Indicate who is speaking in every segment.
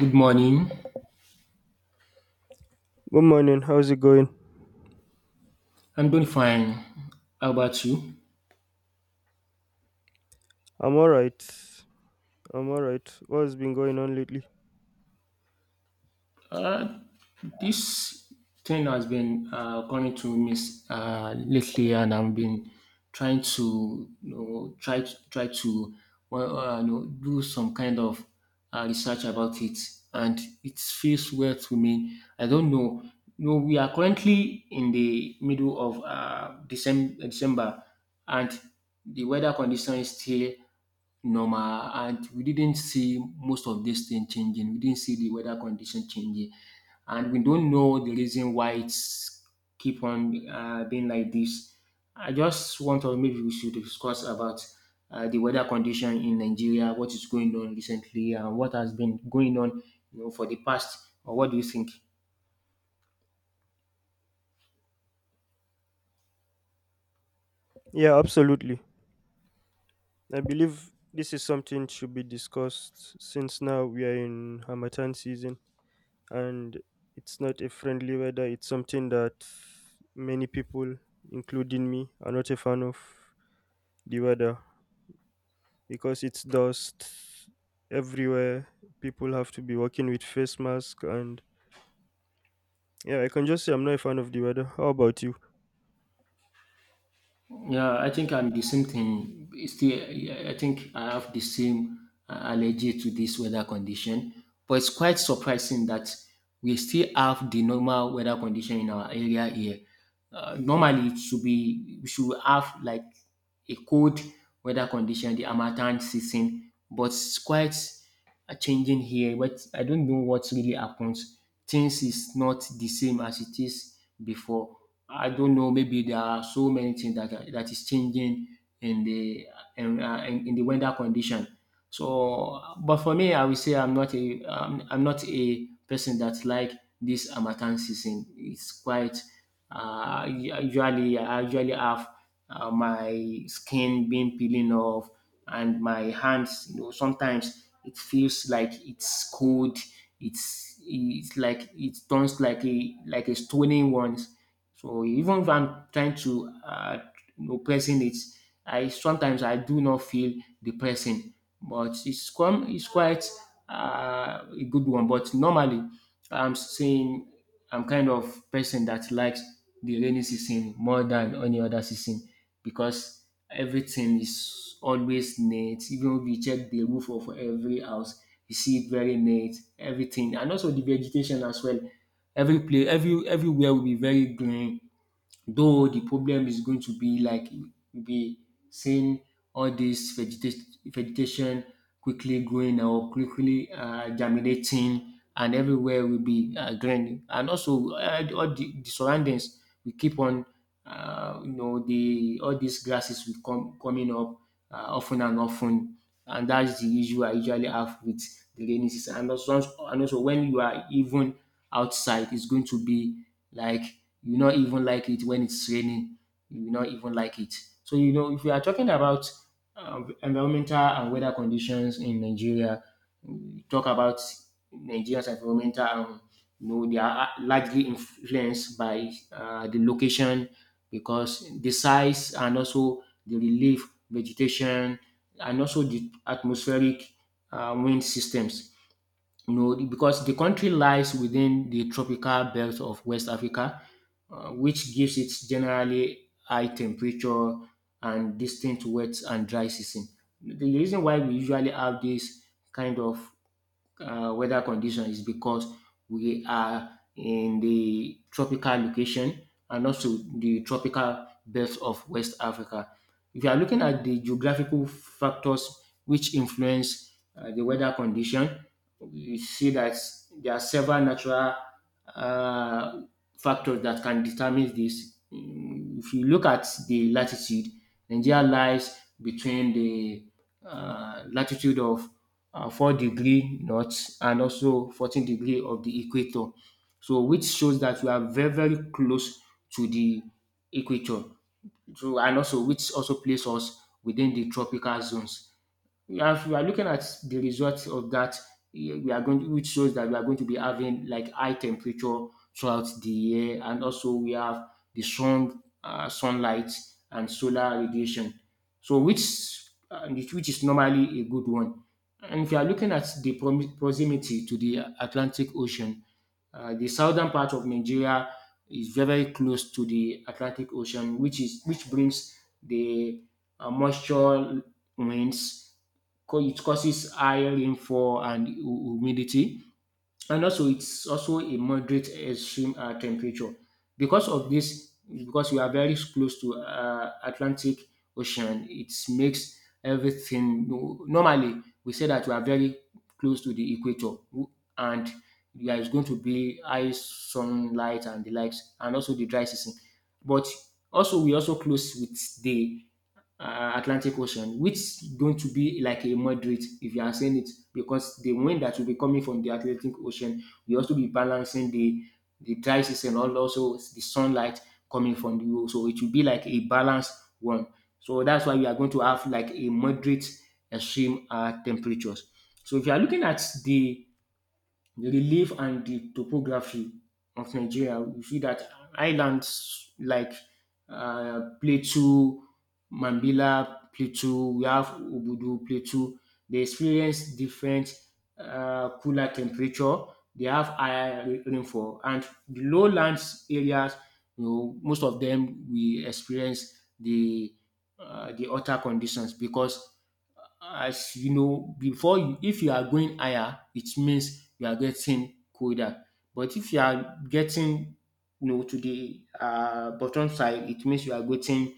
Speaker 1: Good morning.
Speaker 2: Good morning. How's it going?
Speaker 1: I'm doing fine. How about you?
Speaker 2: I'm all right. I'm all right. What's been going on lately?
Speaker 1: Uh, this thing has been coming to me lately, and I've been trying to try to do some kind of research about it, and it feels weird to me. I don't know. No, we are currently in the middle of December, and the weather condition is still normal, and we didn't see most of this thing changing. We didn't see the weather condition changing, and we don't know the reason why it's keep on being like this. I just want to maybe we should discuss about the weather condition in Nigeria, what is going on recently, and what has been going on, you know, for the past. Or what do you think?
Speaker 2: Yeah, absolutely. I believe this is something should be discussed since now we are in Hamatan season, and it's not a friendly weather. It's something that many people, including me, are not a fan of the weather because it's dust everywhere. People have to be working with face mask, and yeah, I can just say I'm not a fan of the weather. How about you?
Speaker 1: Yeah, I think I'm the same thing. Still, I think I have the same allergy to this weather condition. But it's quite surprising that we still have the normal weather condition in our area here. Normally, it should be we should have like a cold weather condition, the Amatan season. But it's quite are changing here, but I don't know what really happens. Things is not the same as it is before. I don't know. Maybe there are so many things that is changing in the in the weather condition. So, but for me, I will say I'm not a person that like this Harmattan season. It's quite usually I usually have my skin being peeling off and my hands. You know, sometimes it feels like it's cold. It's like it turns like a stony one. So even if I'm trying to pressing it, I sometimes I do not feel the pressing, but it's quite a good one. But normally, I'm saying I'm kind of person that likes the rainy season more than any other season because everything is always neat. Even if you check the roof of every house, you see it very neat. Everything and also the vegetation as well. Every place, everywhere will be very green, though the problem is going to be like you'll be seeing all this vegetation quickly growing or quickly germinating, and everywhere will be green. And also, all the surroundings will keep on, the all these grasses will come coming up often and often, and that's the issue I usually have with the rainy season. And also when you are even outside, it's going to be like you not even like it when it's raining. You will not even like it. So you know, if we are talking about environmental and weather conditions in Nigeria, we talk about Nigeria's environmental. You know, they are largely influenced by the location because the size and also the relief vegetation and also the atmospheric wind systems, you know, because the country lies within the tropical belt of West Africa, which gives it generally high temperature and distinct wet and dry season. The reason why we usually have this kind of weather condition is because we are in the tropical location and also the tropical belt of West Africa. If you are looking at the geographical factors which influence the weather condition, we see that there are several natural uh, factors that can determine this. If you look at the latitude, Nigeria lies between the latitude of 4-degree north and also 14 degree of the equator. So which shows that we are very, very close to the equator. So, and also which also places us within the tropical zones, we are looking at the results of that. We are going to, Which shows that we are going to be having like high temperature throughout the year, and also we have sunlight and solar radiation. So which is normally a good one. And if you are looking at the proximity to the Atlantic Ocean, the southern part of Nigeria is very very close to the Atlantic Ocean, which is which brings the moisture winds. It causes high rainfall and humidity, and also it's also a moderate extreme temperature because of this, because we are very close to Atlantic Ocean. It makes everything no, normally we say that we are very close to the equator and there is going to be high sunlight and the likes and also the dry season, but also we also close with the Atlantic Ocean, which is going to be like a moderate if you are saying it, because the wind that will be coming from the Atlantic Ocean will also be balancing the dry season and also the sunlight coming from the world. So it will be like a balanced one. So that's why we are going to have like a moderate extreme temperatures. So if you are looking at the relief and the topography of Nigeria, you see that islands like Plateau, Mambila, Plateau, we have Obudu, Plateau, they experience different cooler temperature, they have higher rainfall, and the lowlands areas, you know, most of them we experience the hotter conditions because, as you know before you, if you are going higher it means you are getting colder. But if you are getting, you know, to the bottom side, it means you are getting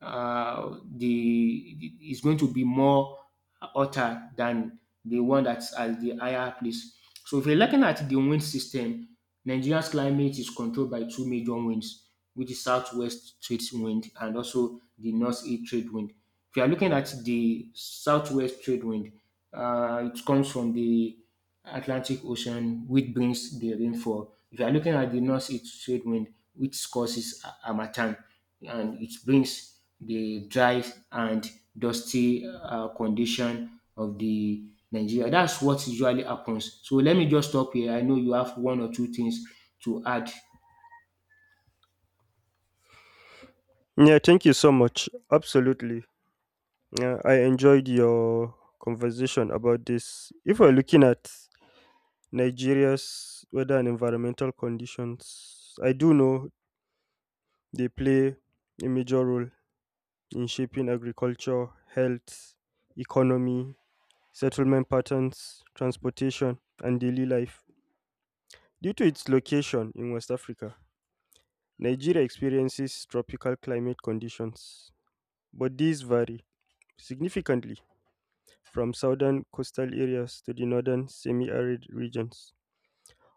Speaker 1: the it's going to be more hotter than the one that's at the higher place. So if you're looking at the wind system, Nigeria's climate is controlled by two major winds, which is southwest trade wind and also the north east trade wind. If you are looking at the southwest trade wind, it comes from the Atlantic Ocean, which brings the rainfall. If you are looking at the northeast trade wind, which causes harmattan, and it brings the dry and dusty condition of the Nigeria. That's what usually happens. So let me just stop here. I know you have one or two things to add.
Speaker 2: Yeah, thank you so much. Absolutely. Yeah, I enjoyed your conversation about this. If we're looking at Nigeria's weather and environmental conditions, I do know they play a major role in shaping agriculture, health, economy, settlement patterns, transportation, and daily life. Due to its location in West Africa, Nigeria experiences tropical climate conditions, but these vary significantly from southern coastal areas to the northern semi-arid regions.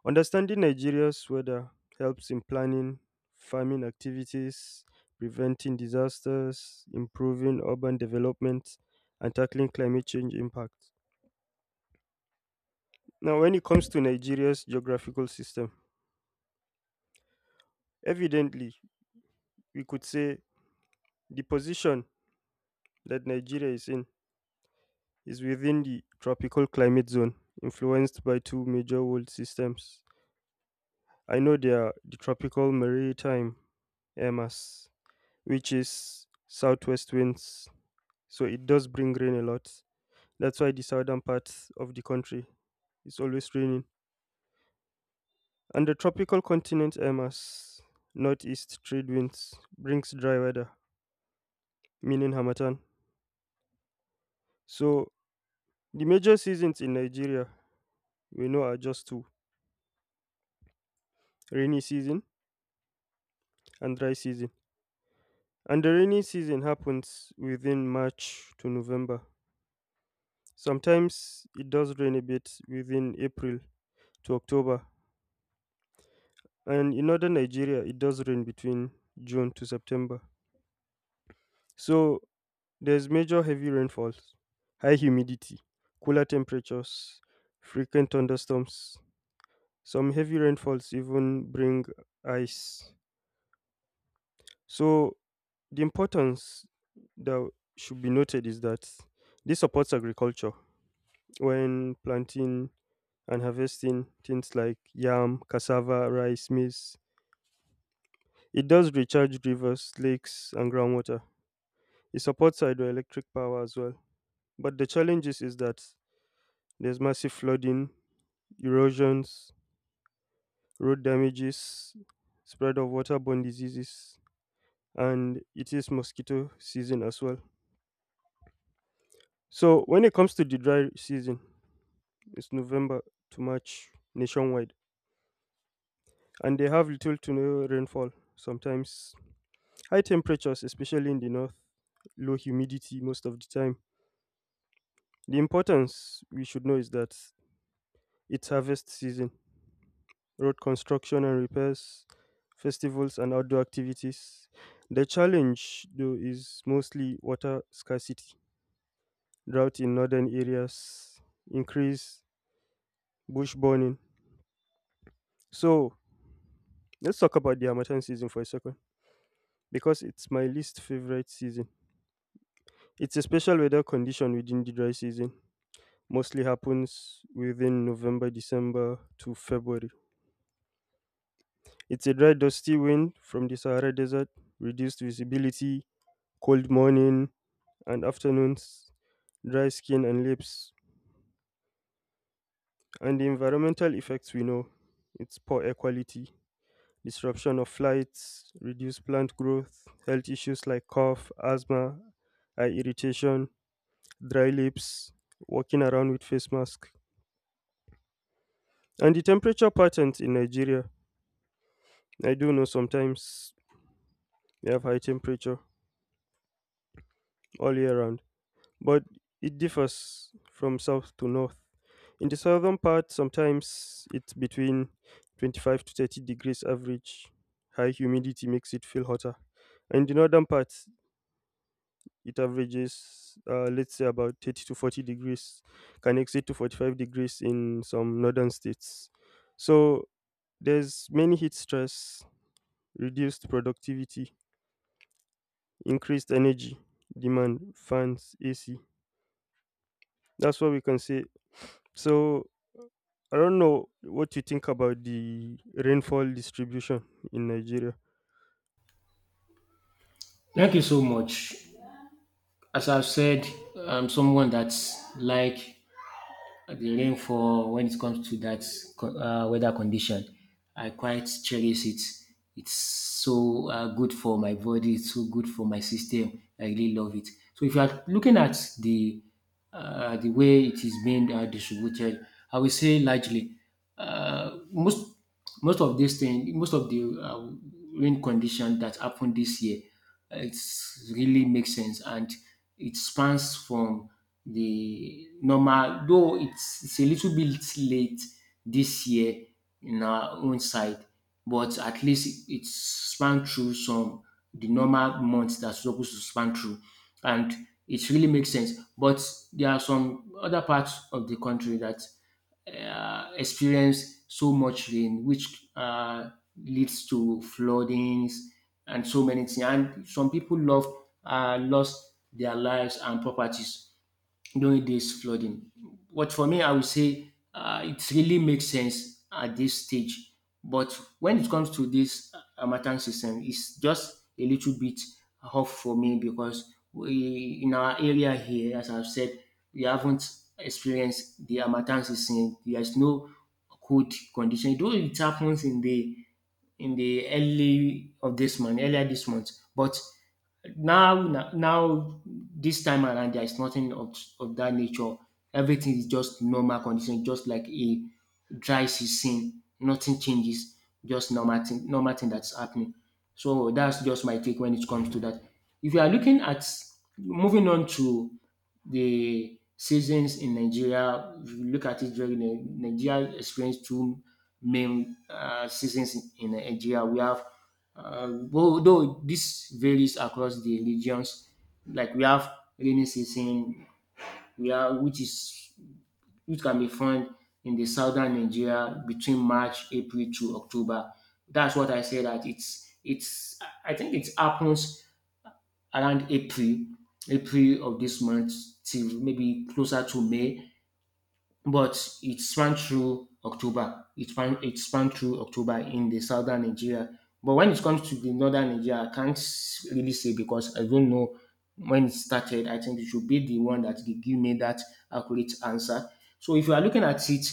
Speaker 2: Understanding Nigeria's weather helps in planning farming activities, preventing disasters, improving urban development, and tackling climate change impacts. Now, when it comes to Nigeria's geographical system, evidently we could say the position that Nigeria is in is within the tropical climate zone, influenced by two major world systems. I know they are the tropical maritime Emas, which is southwest winds, so it does bring rain a lot. That's why the southern part of the country is always raining. And the tropical continent Emas, northeast trade winds, brings dry weather, meaning Hamatan. So the major seasons in Nigeria we know are just two: rainy season and dry season. And the rainy season happens within March to November. Sometimes it does rain a bit within April to October, and in northern Nigeria, it does rain between June to September. So there's major heavy rainfalls, high humidity, cooler temperatures, frequent thunderstorms. Some heavy rainfalls even bring ice. So the importance that should be noted is that this supports agriculture when planting and harvesting things like yam, cassava, rice, maize. It does recharge rivers, lakes, and groundwater. It supports hydroelectric power as well. But the challenges is that there's massive flooding, erosions, road damages, spread of waterborne diseases, and it is mosquito season as well. So when it comes to the dry season, it's November to March nationwide, and they have little to no rainfall, sometimes high temperatures, especially in the north, low humidity most of the time. The importance we should know is that it's harvest season, road construction and repairs, festivals and outdoor activities. The challenge, though, is mostly water scarcity, drought in northern areas, increase bush burning. So, let's talk about the Harmattan season for a second because it's my least favorite season. It's a special weather condition within the dry season. Mostly happens within November, December to February. It's a dry, dusty wind from the Sahara Desert, reduced visibility, cold morning and afternoons, dry skin and lips, and the environmental effects we know. It's poor air quality, disruption of flights, reduced plant growth, health issues like cough, asthma, eye irritation, dry lips, walking around with face mask. And the temperature patterns in Nigeria. I do know sometimes we have high temperature all year round, but it differs from south to north. In the southern part, sometimes it's between 25 to 30 degrees average. High humidity makes it feel hotter. In the northern part, it averages, let's say, about 30 to 40 degrees, can exceed to 45 degrees in some northern states. So there's many heat stress, reduced productivity, increased energy demand, fans, AC. That's what we can say. So I don't know what you think about the rainfall distribution in Nigeria.
Speaker 1: Thank you so much. As I've said, I'm someone that's like the rain for when it comes to that weather condition. I quite cherish it. It's so good for my body. It's so good for my system. I really love it. So if you are looking at the way it is being distributed, I would say largely uh, most most of this thing, most of the rain condition that happened this year, it's really makes sense, and it spans from the normal, though it's a little bit late this year in our own side, but at least it span through some the normal months that's supposed to span through, and it really makes sense. But there are some other parts of the country that experience so much rain, which leads to floodings and so many things. And some people love lost their lives and properties during this flooding. But for me, I would say it really makes sense at this stage. But when it comes to this Amatan system, it's just a little bit off for me because we in our area here, as I've said, we haven't experienced the Amatan system. There's no cold condition, though it happens in the early of this month, earlier this month, but now, this time around, there is nothing of that nature. Everything is just normal condition, just like a dry season. Nothing changes, just normal thing that's happening. So that's just my take when it comes to that. If you are looking at moving on to the seasons in Nigeria, if you look at it very Nigeria experience two main seasons in Nigeria. We have though this varies across the regions, like we have rainy season, we are which is which can be found in the southern Nigeria between March, April to October. That's what I say that it's I think it happens around April, April of this month till maybe closer to May, but it spanned through October. It spanned through October in the southern Nigeria. But when it comes to the northern Nigeria, I can't really say because I don't know when it started. I think it should be the one that give me that accurate answer. So if you are looking at it,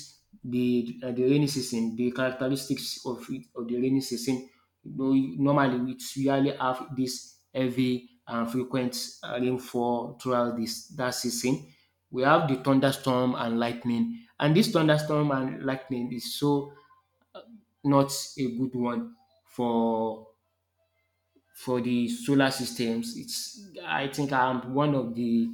Speaker 1: the rainy season, the characteristics of it, of the rainy season no, normally we really have this heavy and frequent rainfall throughout this that season. We have the thunderstorm and lightning, and this thunderstorm and lightning is so not a good one for for the solar systems. It's, I think I'm one of the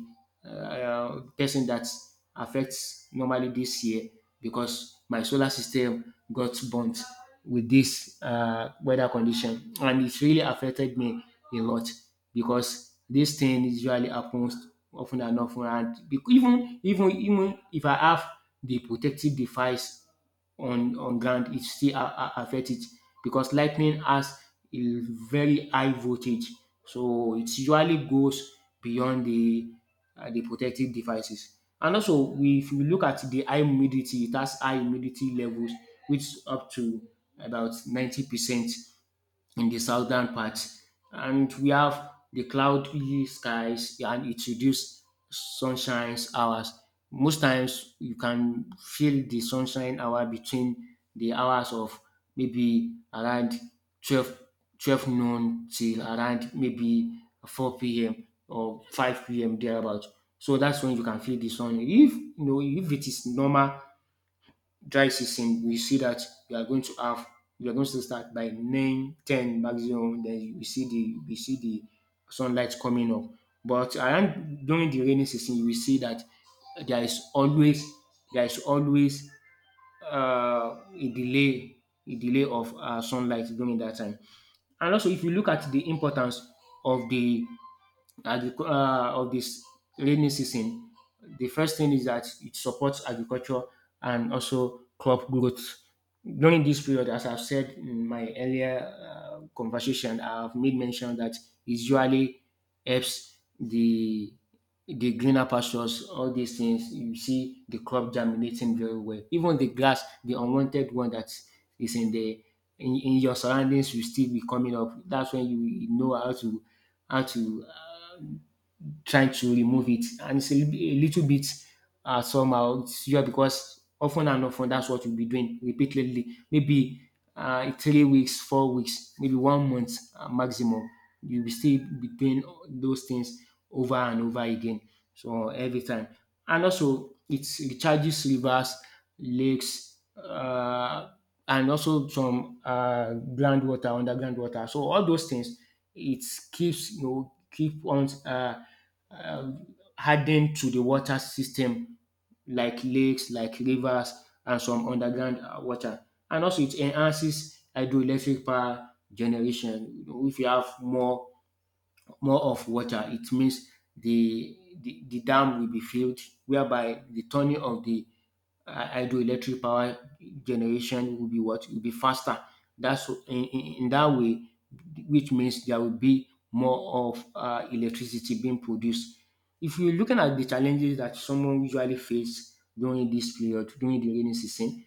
Speaker 1: person that affects normally this year because my solar system got burnt with this weather condition, and it's really affected me a lot because this thing usually happens often and often, and even if I have the protective device on ground, it still affect it because lightning has a very high voltage, so it usually goes beyond the protective devices. And also we, if we look at the high humidity, it has high humidity levels which up to about 90% in the southern part. And we have the cloudy skies and it reduces sunshine hours. Most times you can feel the sunshine hour between the hours of maybe around 12 12 noon till around maybe 4 p.m or 5 p.m thereabout. So that's when you can feel the sun, if you know, if it is normal dry season. We see that we are going to have we are going to start by 9, 10 maximum. Then we see the sunlight coming up. But around during the rainy season, you will see that there is always there is always a delay of sunlight during that time. And also, if you look at the importance of of this rainy season, the first thing is that it supports agriculture and also crop growth. During this period, as I've said in my earlier conversation, I've made mention that it usually helps the greener pastures, all these things. You see the crop germinating very well. Even the grass, the unwanted one that is in your surroundings will still be coming up. That's when you know how to how to uh, trying to remove it. And it's a little bit somehow. It's just because often and often, that's what you'll be doing repeatedly. Maybe 3 weeks, 4 weeks, maybe 1 month maximum. You'll still be doing those things over and over again. So every time. And also, it recharges rivers, lakes, and also some groundwater, underground water. So all those things, it keeps, keep on hardened to the water system, like lakes, like rivers, and some underground water. And also, it enhances hydroelectric power generation. You know, if you have more of water, it means the the dam will be filled, whereby the turning of the hydroelectric power generation will be, what, will be faster. That's in that way, which means there will be more of electricity being produced. If you're looking at the challenges that someone usually face during this period, during the rainy season,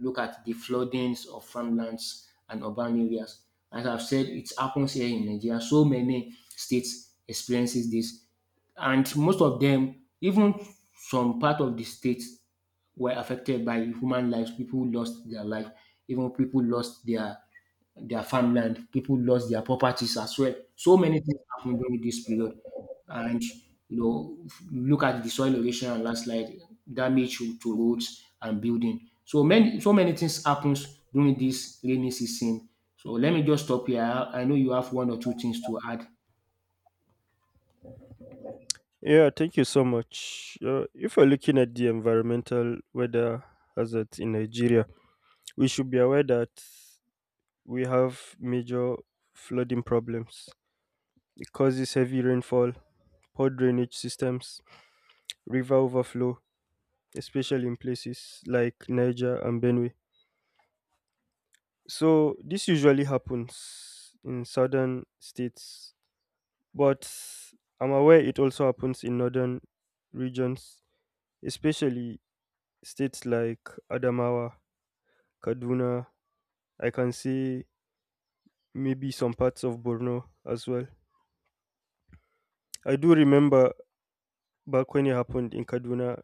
Speaker 1: look at the floodings of farmlands and urban areas. As I've said, it happens here in Nigeria. So many states experiences this, and most of them, even some part of the states, were affected by human lives. People lost their life. Even people lost their farmland. People lost their properties as well. So many things happened during this period, and, you know, look at the soil erosion and landslide damage to roads and building. So many, so many things happens during this rainy season. So let me just stop here. I know you have one or two things to add.
Speaker 2: Yeah, thank you so much. If we're looking at the environmental weather hazards in Nigeria, we should be aware that we have major flooding problems. It causes heavy rainfall, poor drainage systems, river overflow, especially in places like Niger and Benue. So this usually happens in southern states, but I'm aware it also happens in northern regions, especially states like Adamawa, Kaduna, I can say maybe some parts of Borno as well. I do remember back when it happened in Kaduna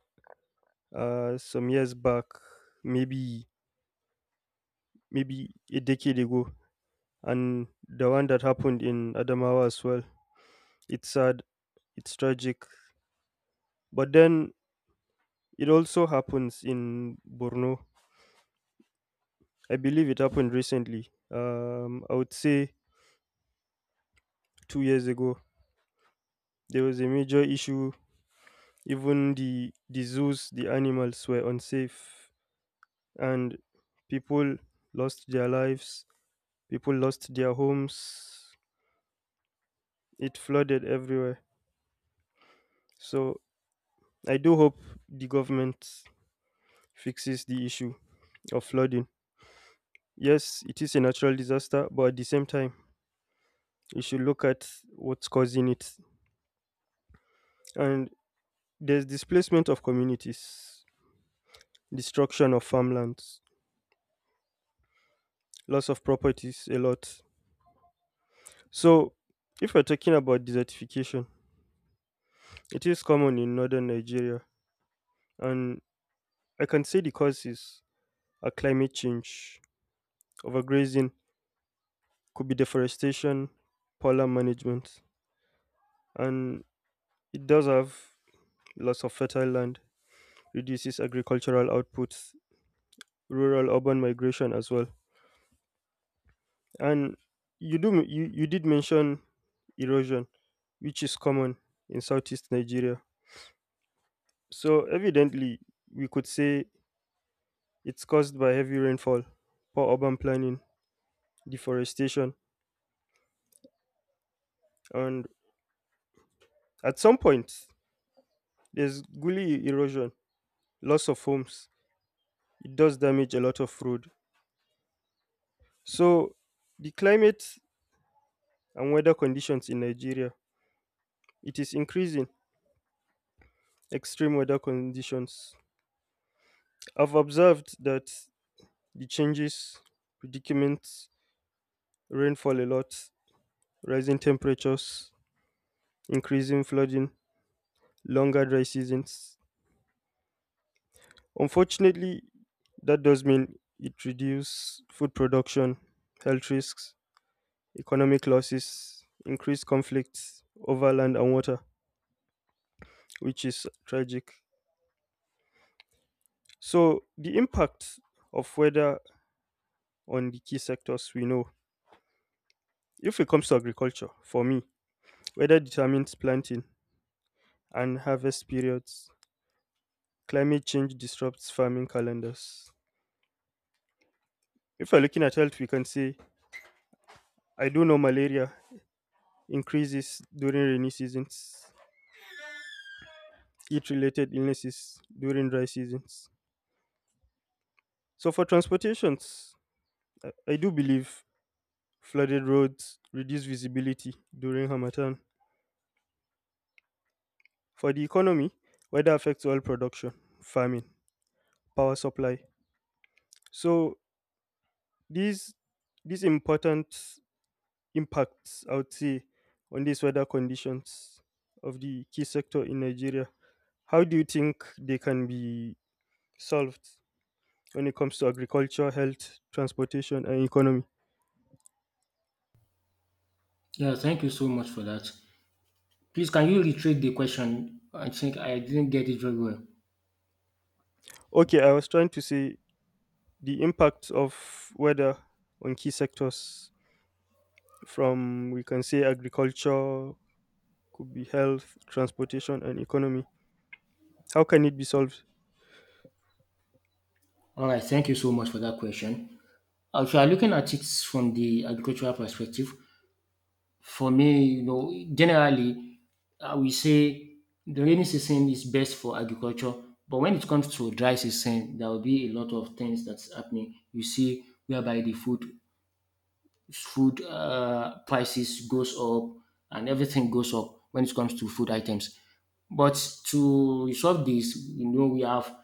Speaker 2: some years back, maybe maybe a decade ago, and the one that happened in Adamawa as well. It's sad, it's tragic, but then it also happens in Borno. I believe it happened recently. I would say 2 years ago, there was a major issue. Even the zoos, the animals were unsafe, and people lost their lives. People lost their homes. It flooded everywhere. So I do hope the government fixes the issue of flooding. Yes, it is a natural disaster, but at the same time, you should look at what's causing it. And there's displacement of communities, destruction of farmlands, loss of properties a lot. So, if we're talking about desertification, it is common in northern Nigeria, and I can say the causes are climate change, overgrazing, could be deforestation, polar management, and it does have loss of fertile land, reduces agricultural outputs, rural urban migration as well. And you did mention erosion, which is common in southeast Nigeria. So, evidently, we could say it's caused by heavy rainfall, poor urban planning, deforestation, and at some point, there's gully erosion, loss of homes. It does damage a lot of road. So, the climate and weather conditions in Nigeria, it is increasing extreme weather conditions. I've observed that the changes, predicaments, rainfall a lot, rising temperatures, increasing flooding, longer dry seasons, unfortunately, that does mean it reduces food production, health risks, economic losses, increased conflicts over land and water, which is tragic. So, the impact of weather on the key sectors we know, if it comes to agriculture, for me, weather determines planting and harvest periods. Climate change disrupts farming calendars. If we're looking at health, we can say, I do know malaria increases during rainy seasons, heat related illnesses during dry seasons. So, for transportations, I do believe flooded roads reduce visibility during Hamatan. For the economy, weather affects oil production, farming, power supply. So, these, these important impacts, I would say, on these weather conditions of the key sector in Nigeria, how do you think they can be solved when it comes to agriculture, health, transportation, and economy?
Speaker 1: Yeah, thank you so much for that. Please, can you retrace the question? I think I didn't get it very well.
Speaker 2: Okay, I was trying to say the impact of weather on key sectors from we can say agriculture, could be health, transportation and economy. How can it be solved?
Speaker 1: All right, thank you so much for that question. If you are looking at it from the agricultural perspective, for me, you know, generally, I will say the rainy season is best for agriculture. But when it comes to dry season, there will be a lot of things that's happening. You see, whereby the food prices goes up and everything goes up when it comes to food items. But to resolve this, you know, we have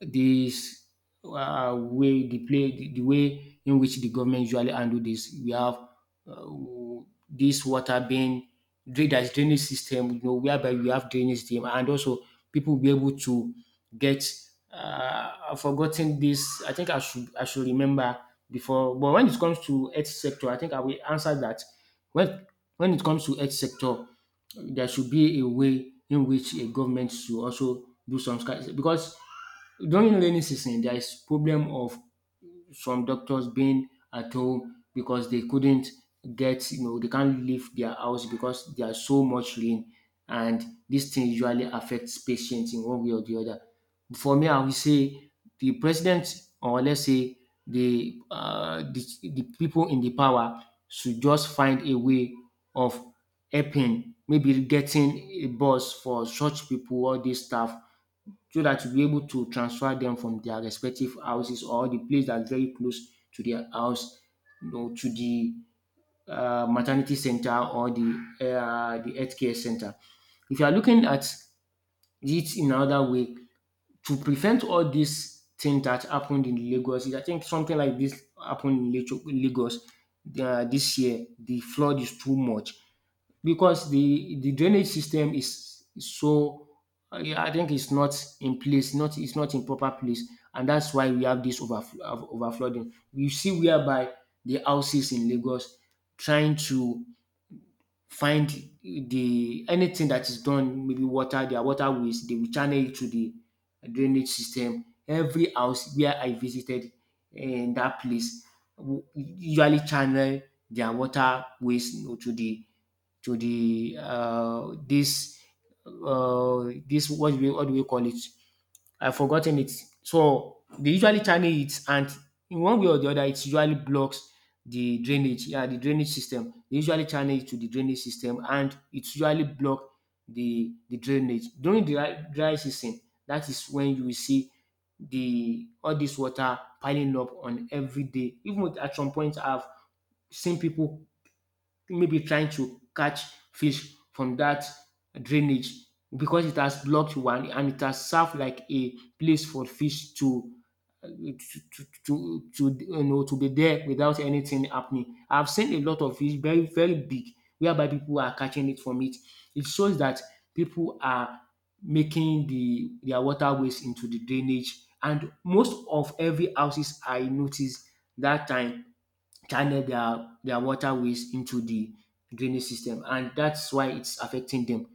Speaker 1: this way the play the way in which the government usually handle this. We have this water being dra- there's drainage system, you know, whereby we have drainage system, and also people will be able to get. I've forgotten this. I think I should remember before. But when it comes to health sector, I think I will answer that. When when it comes to health sector, there should be a way in which a government should also do some kind, because during rainy season there is problem of some doctors being at home because they couldn't get, you know, they can't leave their house because there are so much rain. And this thing usually affects patients in one way or the other. For me, I would say the president, or let's say the people in the power should just find a way of helping, maybe getting a bus for such people or this staff so that you'll be able to transfer them from their respective houses or the place that's very close to their house, you know, to the maternity center or the healthcare center. If you are looking at it in another way, to prevent all these things that happened in Lagos, I think something like this happened in Lagos this year. The flood is too much because the drainage system is so yeah, I think it's not in place, not it's not in proper place, and that's why we have this over flooding. You see whereby the houses in Lagos trying to find the anything that is done, maybe water, their waterways, they will channel it to the drainage system. Every house where I visited in that place usually channel their waterways, you know, to the this this what do we call it? I've forgotten it. So they usually channel it, and in one way or the other, it usually blocks the drainage. Yeah, the drainage system. They usually channel it to the drainage system, and it usually block the drainage during the dry season. That is when you will see the all this water piling up on every day. Even at some point, I've seen people maybe trying to catch fish from that drainage because it has blocked one and it has served like a place for fish uh, to to to be there without anything happening. I've seen a lot of fish, very very big, whereby people are catching it from it. It shows that people are making the their waterways into the drainage, and most of every houses I noticed that time channel their waterways into the drainage system, and that's why it's affecting them,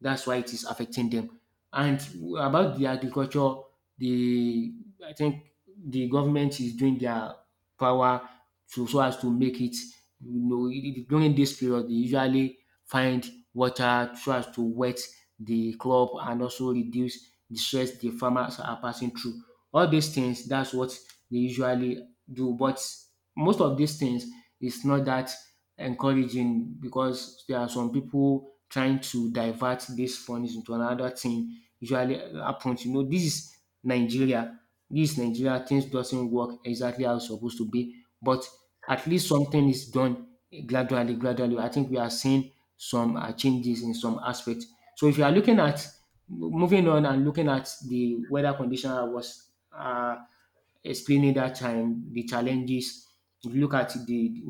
Speaker 1: that's why it is affecting them. And about the agriculture, the, I think the government is doing their power to, so as to make it, you know, during this period they usually find water so as to wet the crop and also reduce the stress the farmers are passing through. All these things, that's what they usually do, but most of these things is not that encouraging because there are some people trying to divert these funds into another thing usually happens. You know, this is Nigeria. This is Nigeria. Things doesn't work exactly how it's supposed to be, but at least something is done gradually, gradually. I think we are seeing some changes in some aspects. So if you are looking at moving on and looking at the weather condition I was explaining that time, the challenges. If you look at the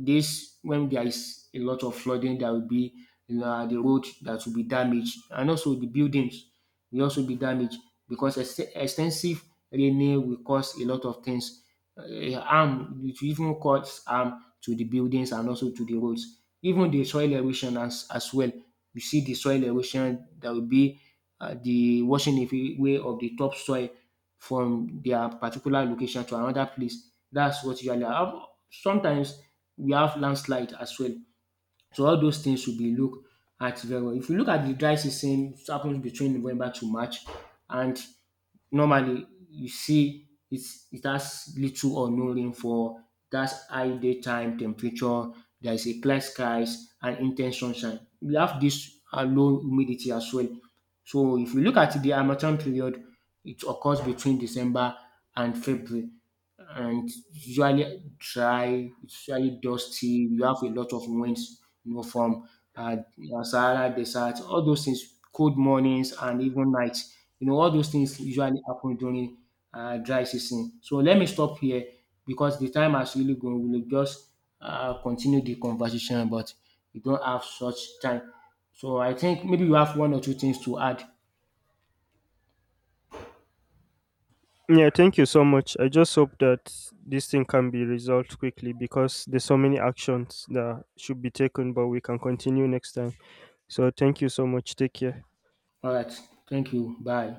Speaker 1: this, when there is a lot of flooding, there will be the road that will be damaged, and also the buildings will also be damaged, because extensive raining will cause a lot of things. Harm, it will even cause harm to the buildings and also to the roads. Even the soil erosion as well. You see the soil erosion. There will be the washing away of the topsoil from their particular location to another place. That's what usually hap. Sometimes we have landslide as well. So all those things should be looked at very well. If you look at the dry season, it happens between November to March, and normally you see it's, it has little or no rain for that high daytime temperature. There is a clear skies and intense sunshine. We have this low humidity as well. So if you look at the Harmattan period, it occurs between December and February, and it's usually dry, it's usually dusty. You have a lot of winds, you know, from uh, Sahara Desert, all those things, cold mornings and even nights. You know, all those things usually happen during dry season. So let me stop here because the time has really gone. We'll just continue the conversation, but we don't have such time. So I think maybe you have one or two things to add.
Speaker 2: Yeah, thank you so much. I just hope that this thing can be resolved quickly because there's so many actions that should be taken, but we can continue next time. So thank you so much. Take care.
Speaker 1: All right. Thank you. Bye.